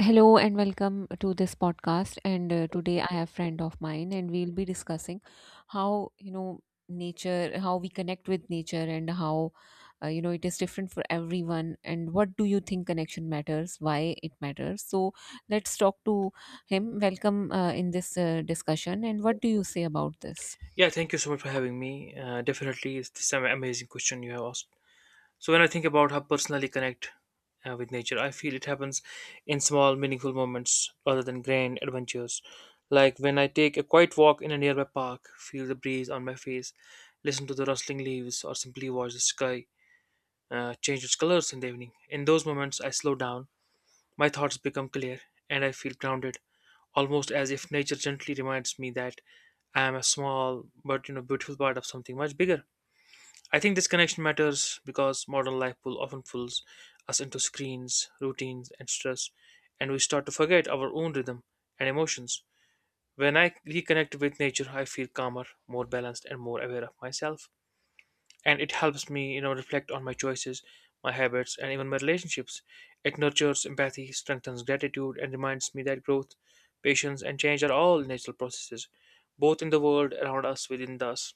Hello and welcome to this podcast. And today I have friend of mine, and we'll be discussing how nature, how we connect with nature, and how it is different for everyone. And what do you think connection matters? Why it matters? So let's talk to him. Welcome in this discussion. And what do you say about this? Yeah, thank you so much for having me. Definitely, it's this amazing question you have asked. So, when I think about how personally connect with nature, I feel it happens in small, meaningful moments rather than grand adventures. Like when I take a quiet walk in a nearby park, feel the breeze on my face, listen to the rustling leaves, or simply watch the sky change its colors in the evening. In those moments, I slow down, my thoughts become clear, and I feel grounded almost as if nature gently reminds me that I am a small but beautiful part of something much bigger. I think this connection matters because modern life pull often pulls us into screens, routines, and stress, and we start to forget our own rhythm and emotions. When I reconnect with nature, I feel calmer, more balanced, and more aware of myself, and it helps me reflect on my choices, my habits, and even my relationships. It nurtures empathy, strengthens gratitude, and reminds me that growth, patience, and change are all natural processes, both in the world around us,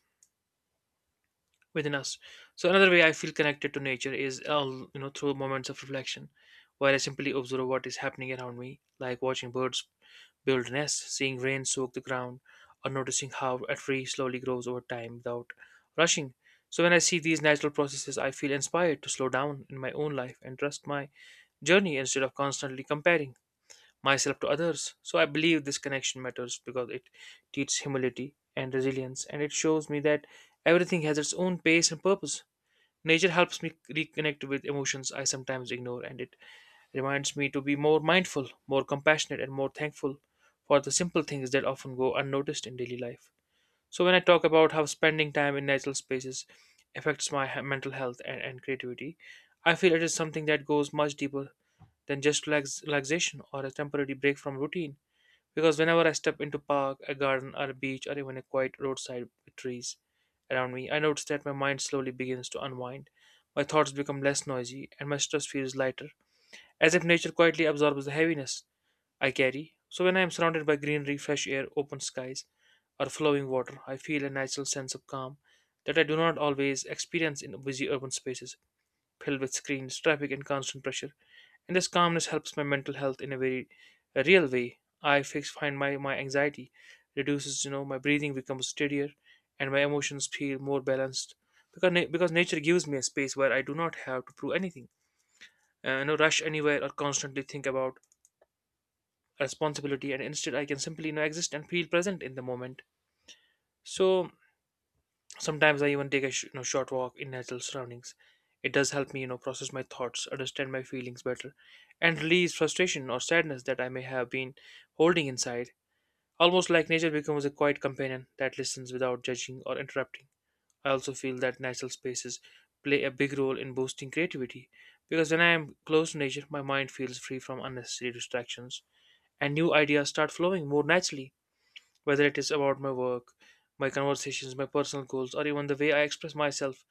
within us. So another way I feel connected to nature is through moments of reflection, where I simply observe what is happening around me, like watching birds build nests, seeing rain soak the ground, or noticing how a tree slowly grows over time without rushing. So when I see these natural processes, I feel inspired to slow down in my own life and trust my journey instead of constantly comparing myself to others. So I believe this connection matters because it teaches humility and resilience, and it shows me that everything has its own pace and purpose. Nature helps me reconnect with emotions I sometimes ignore, and it reminds me to be more mindful, more compassionate, and more thankful for the simple things that often go unnoticed in daily life. So, when I talk about how spending time in natural spaces affects my mental health and creativity, I feel it is something that goes much deeper than just relaxation or a temporary break from routine. Because whenever I step into park, a garden, or a beach, or even a quiet roadside with trees around me, I notice that my mind slowly begins to unwind. My thoughts become less noisy, and my stress feels lighter, as if nature quietly absorbs the heaviness I carry. So when I am surrounded by greenery, fresh air, open skies, or flowing water, I feel a natural sense of calm that I do not always experience in busy urban spaces filled with screens, traffic, and constant pressure. And this calmness helps my mental health in a very a real way. I fix find my anxiety reduces, you know, my breathing becomes steadier, and my emotions feel more balanced, because because nature gives me a space where I do not have to prove anything, rush anywhere or constantly think about responsibility, and instead I can simply exist and feel present in the moment. So sometimes I even take a short walk in natural surroundings. It does help me, you know, process my thoughts, understand my feelings better, and release frustration or sadness that I may have been holding inside. Almost like nature becomes a quiet companion that listens without judging or interrupting. I also feel that natural spaces play a big role in boosting creativity, because when I am close to nature, my mind feels free from unnecessary distractions and new ideas start flowing more naturally, whether it is about my work, my conversations, my personal goals, or even the way I express myself.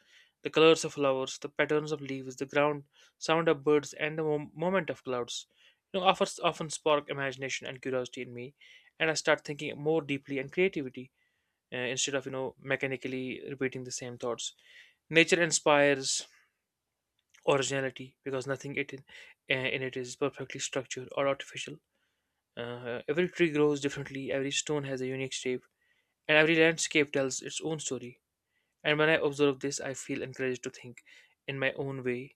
The colors of flowers, the patterns of leaves, the ground, sound of birds, and the moment of clouds, you know, offers often spark imagination and curiosity in me, and I start thinking more deeply and creativity, instead of mechanically repeating the same thoughts. Nature inspires originality because nothing it in it is perfectly structured or artificial. Every tree grows differently. Every stone has a unique shape, and every landscape tells its own story. And when I observe this, I feel encouraged to think in my own way,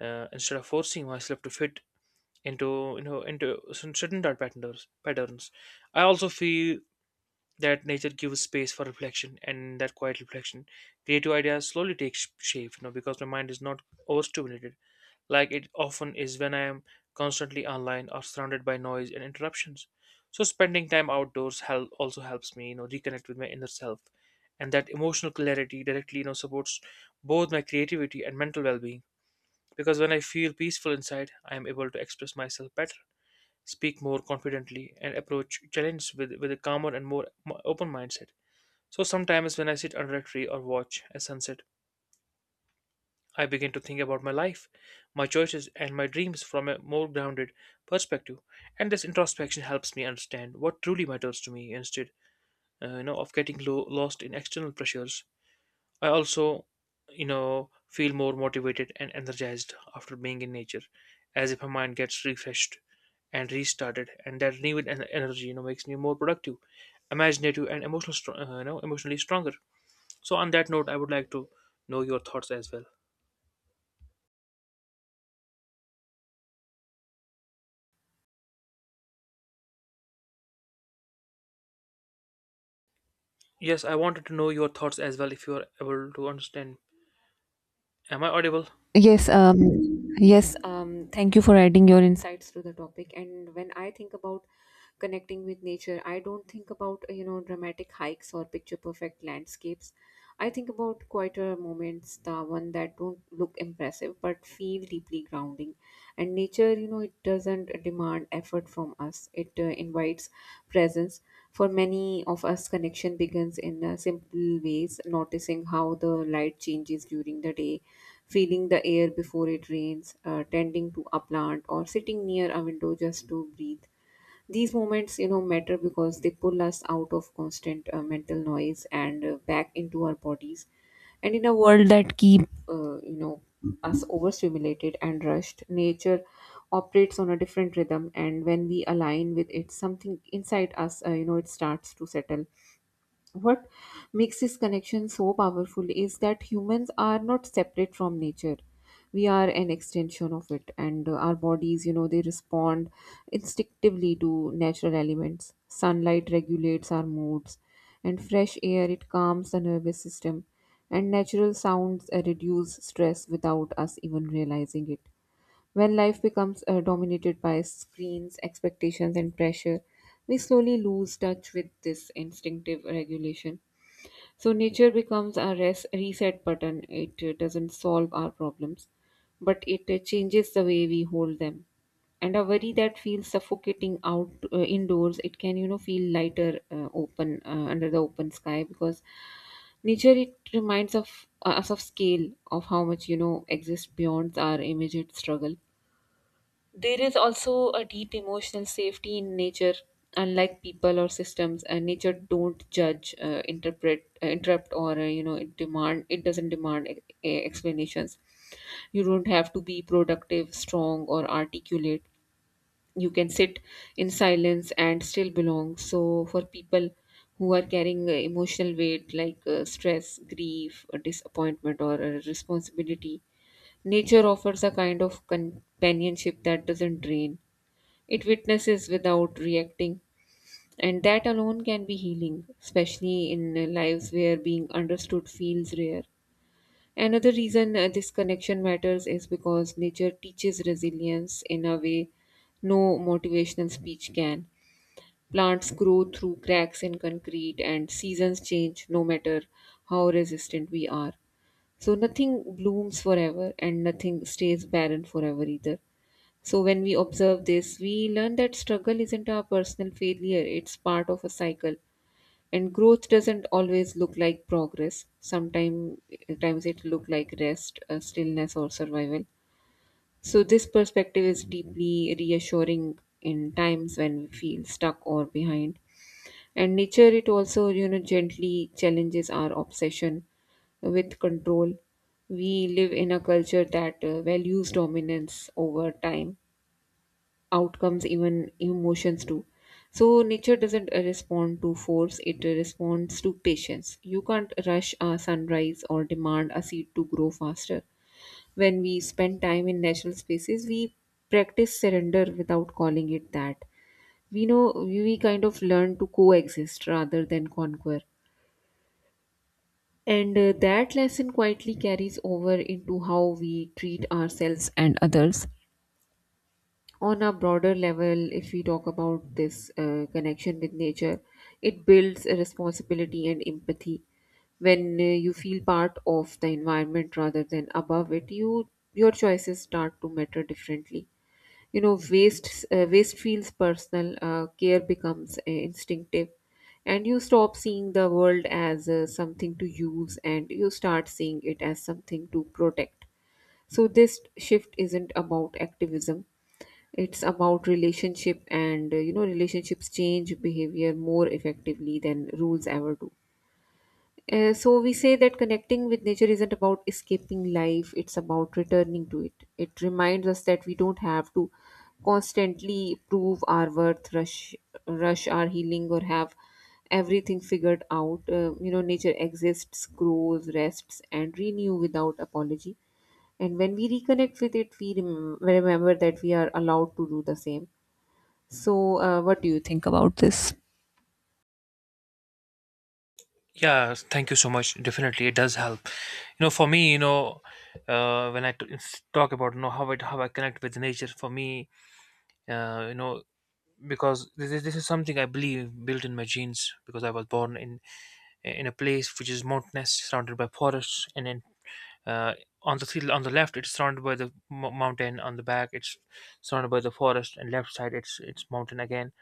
instead of forcing myself to fit into you know into certain thought patterns. I also feel that nature gives space for reflection, and that quiet reflection, creative ideas slowly take shape. You know, because my mind is not overstimulated like it often is when I am constantly online or surrounded by noise and interruptions. So spending time outdoors help also helps me, you know, reconnect with my inner self, and that emotional clarity directly, you know, supports both my creativity and mental well-being. Because when I feel peaceful inside, I am able to express myself better, speak more confidently, and approach challenges with a calmer and more open mindset. So sometimes when I sit under a tree or watch a sunset, I begin to think about my life, my choices, and my dreams from a more grounded perspective. And this introspection helps me understand what truly matters to me, of getting lost in external pressures. I also, you know, feel more motivated and energized after being in nature, as if my mind gets refreshed and restarted, and that renewed energy, you know, makes me more productive, imaginative, and you know, emotionally stronger. So, on that note, I would like to know your thoughts as well. Yes, I wanted to know your thoughts as well if you are able to understand. Am I audible? Yes, um, yes, thank you for adding your insights to the topic. And when I think about connecting with nature, I don't think about, dramatic hikes or picture perfect landscapes. I think about quieter moments, the one that don't look impressive but feel deeply grounding. And nature, you know, it doesn't demand effort from us. It invites presence. For many of us, connection begins in simple ways, noticing how the light changes during the day, feeling the air before it rains, tending to a plant, or sitting near a window just to breathe these moments matter because they pull us out of constant mental noise and back into our bodies, and in a world that keep uh, you know us overstimulated and rushed, nature operates on a different rhythm, and when we align with it, something inside us it starts to settle. What makes this connection so powerful is that humans are not separate from nature. We are an extension of it, and our bodies, you know, they respond instinctively to natural elements. Sunlight regulates our moods, and fresh air it calms the nervous system, and natural sounds reduce stress without us even realizing it. When life becomes dominated by screens, expectations, and pressure, we slowly lose touch with this instinctive regulation. So, nature becomes our reset button. It doesn't solve our problems, but it changes the way we hold them. And a worry that feels suffocating out indoors, it can feel lighter, open, under the open sky, because nature it reminds of us of scale of how much exists beyond our immediate struggle. There is also a deep emotional safety in nature. Unlike people or systems, nature don't judge, interpret, interrupt, or it demand. It doesn't demand explanations. You don't have to be productive, strong, or articulate. You can sit in silence and still belong. So, for people who are carrying emotional weight like stress, grief, disappointment, or responsibility, nature offers a kind of companionship that doesn't drain, it witnesses without reacting, and that alone can be healing, especially in lives where being understood feels rare. Another reason this connection matters is because nature teaches resilience in a way no motivational speech can. Plants grow through cracks in concrete, and seasons change no matter how resistant we are. So, nothing blooms forever, and nothing stays barren forever either. So, when we observe this, we learn that struggle isn't a personal failure, it's part of a cycle. And growth doesn't always look like progress. Sometimes times it look like rest, stillness, or survival. So, this perspective is deeply reassuring in times when we feel stuck or behind. And nature, it also, you know, gently challenges our obsession with control. We live in a culture that values dominance over time, outcomes, even emotions too. So nature doesn't respond to force; it responds to patience. You can't rush a sunrise or demand a seed to grow faster. When we spend time in natural spaces, we practice surrender without calling it that. We know we kind of learn to coexist rather than conquer. And that lesson quietly carries over into how we treat ourselves and others. On a broader level, if we talk about this connection with nature, it builds a responsibility and empathy. When you feel part of the environment rather than above it, you your choices start to matter differently. You know, waste feels personal. Care becomes instinctive, and you stop seeing the world as something to use, and you start seeing it as something to protect. So this shift isn't about activism, it's about relationship, and relationships change behavior more effectively than rules ever do. So we say that connecting with nature isn't about escaping life, it's about returning to it. It reminds us that we don't have to constantly prove our worth, rush our healing, or have everything figured out. Nature exists, grows, rests and renew without apology. And when we reconnect with it, we remember that we are allowed to do the same. So, what do you think about this? Yeah, thank you so much. Definitely, it does help. You know, for me, you know, when I talk about how I connect with nature, for me, uh, you know, because this is something I believe built in my genes, because I was born in a place which is mountainous, surrounded by forests, and then, uh, on the field on the left it's surrounded by the mo mountain, on the back it's surrounded by the forest, and left side it's mountain again.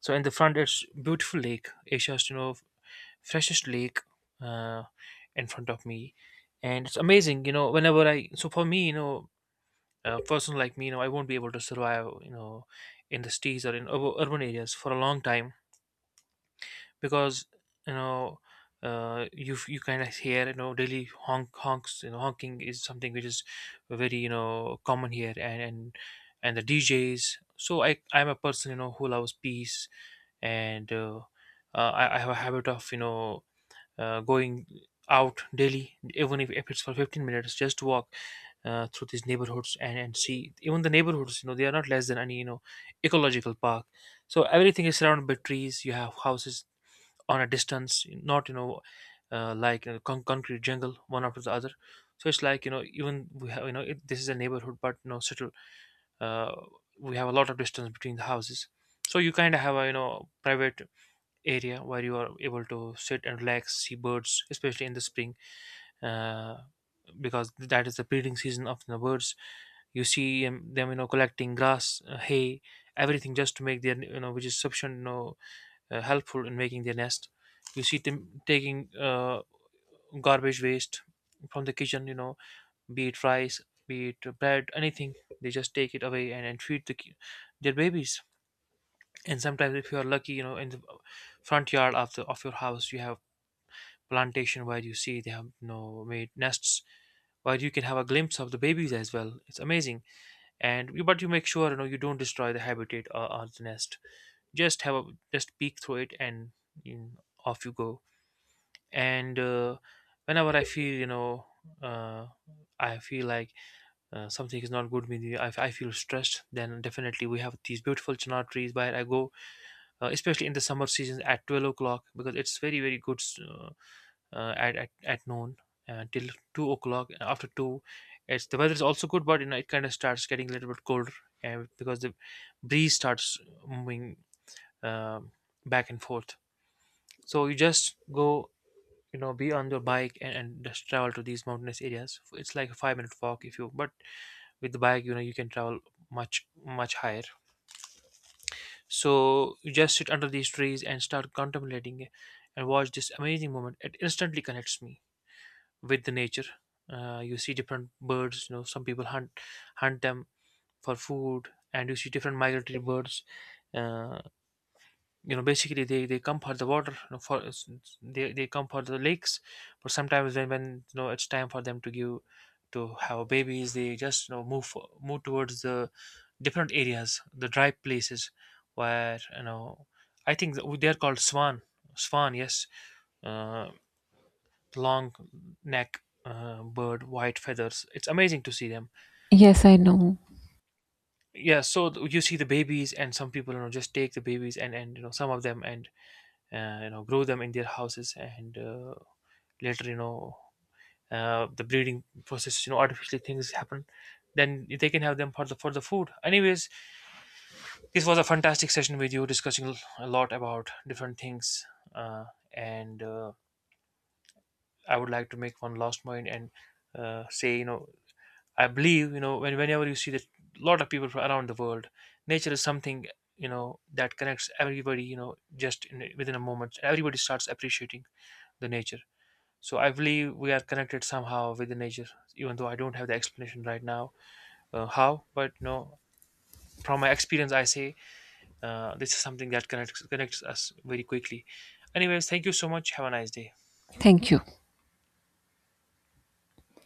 So in the front, it's beautiful lake, Asia's, you know, freshest lake, uh, in front of me, and it's amazing. You know, whenever I, so for me, you know, a person like me, you know, I won't be able to survive, you know, in the cities or in urban areas for a long time, because, you know, you kind of hear, you know, daily honks, you know, honking is something which is very, you know, common here, and the DJs. So I'm a person, you know, who loves peace, and I have a habit of, you know, going out daily, even if it's for 15 minutes, just to walk through these neighborhoods, and see, even the neighborhoods, you know, they are not less than any, you know, ecological park. So everything is surrounded by trees, you have houses on a distance, not, you know, concrete jungle one after the other. So it's like, you know, even we have, you know, it, this is a neighborhood, but, you know, still, uh, we have a lot of distance between the houses. So you kind of have a, you know, private area where you are able to sit and relax, see birds, especially in the spring, uh, because that is the breeding season of the birds. You see them, you know, collecting grass, hay, everything just to make their, you know, which is sufficient, you know, helpful in making their nest. You see them taking garbage waste from the kitchen, you know, be it rice, be it bread, anything. They just take it away and feed their babies. And sometimes, if you are lucky, you know, in the front yard of the of your house, you have plantation where you see they have, you know, made nests, where you can have a glimpse of the babies as well. It's amazing. And you, but you make sure, you know, you don't destroy the habitat or the nest, just have a, just peek through it and, you know, off you go. And whenever I feel, you know, uh, I feel like something is not good with me, I feel stressed, then definitely we have these beautiful chinar trees, where I go especially in the summer season at 12 o'clock, because it's very very good, uh, at noon, till 2 o'clock. After 2, it's, the weather is also good, but, you know, it kind of starts getting a little bit colder, and because the breeze starts moving, um, back and forth. So you just go, you know, be on your bike, and just travel to these mountainous areas. It's like a 5 minute walk, if you, but with the bike, you know, you can travel much much higher. So you just sit under these trees and start contemplating it, and watch this amazing moment. It instantly connects me with the nature. You see different birds, you know, some people hunt them for food. And you see different migratory birds, uh, you know, basically they come for the water, you know, for they come for the lakes. But sometimes when, you know, it's time for them to give to have babies, they just, you know, move towards the different areas, the dry places, where, you know, I think that they're called swan. Yes, uh, long neck bird, white feathers, it's amazing to see them. Yes, I know. Yeah, so you see the babies, and some people, you know, just take the babies and, you know, some of them, and you know, grow them in their houses, and later, you know, the breeding process, you know, artificially things happen, then they can have them for the food. Anyways, this was a fantastic session with you, discussing a lot about different things, uh, and I would like to make one last point and say, you know, I believe, you know, whenever you see that lot of people from around the world, nature is something, you know, that connects everybody. You know, just in, within a moment, everybody starts appreciating the nature. So I believe we are connected somehow with the nature, even though I don't have the explanation right now how. But, you know, from my experience, I say this is something that connects us very quickly. Anyways, thank you so much. Have a nice day. Thank you.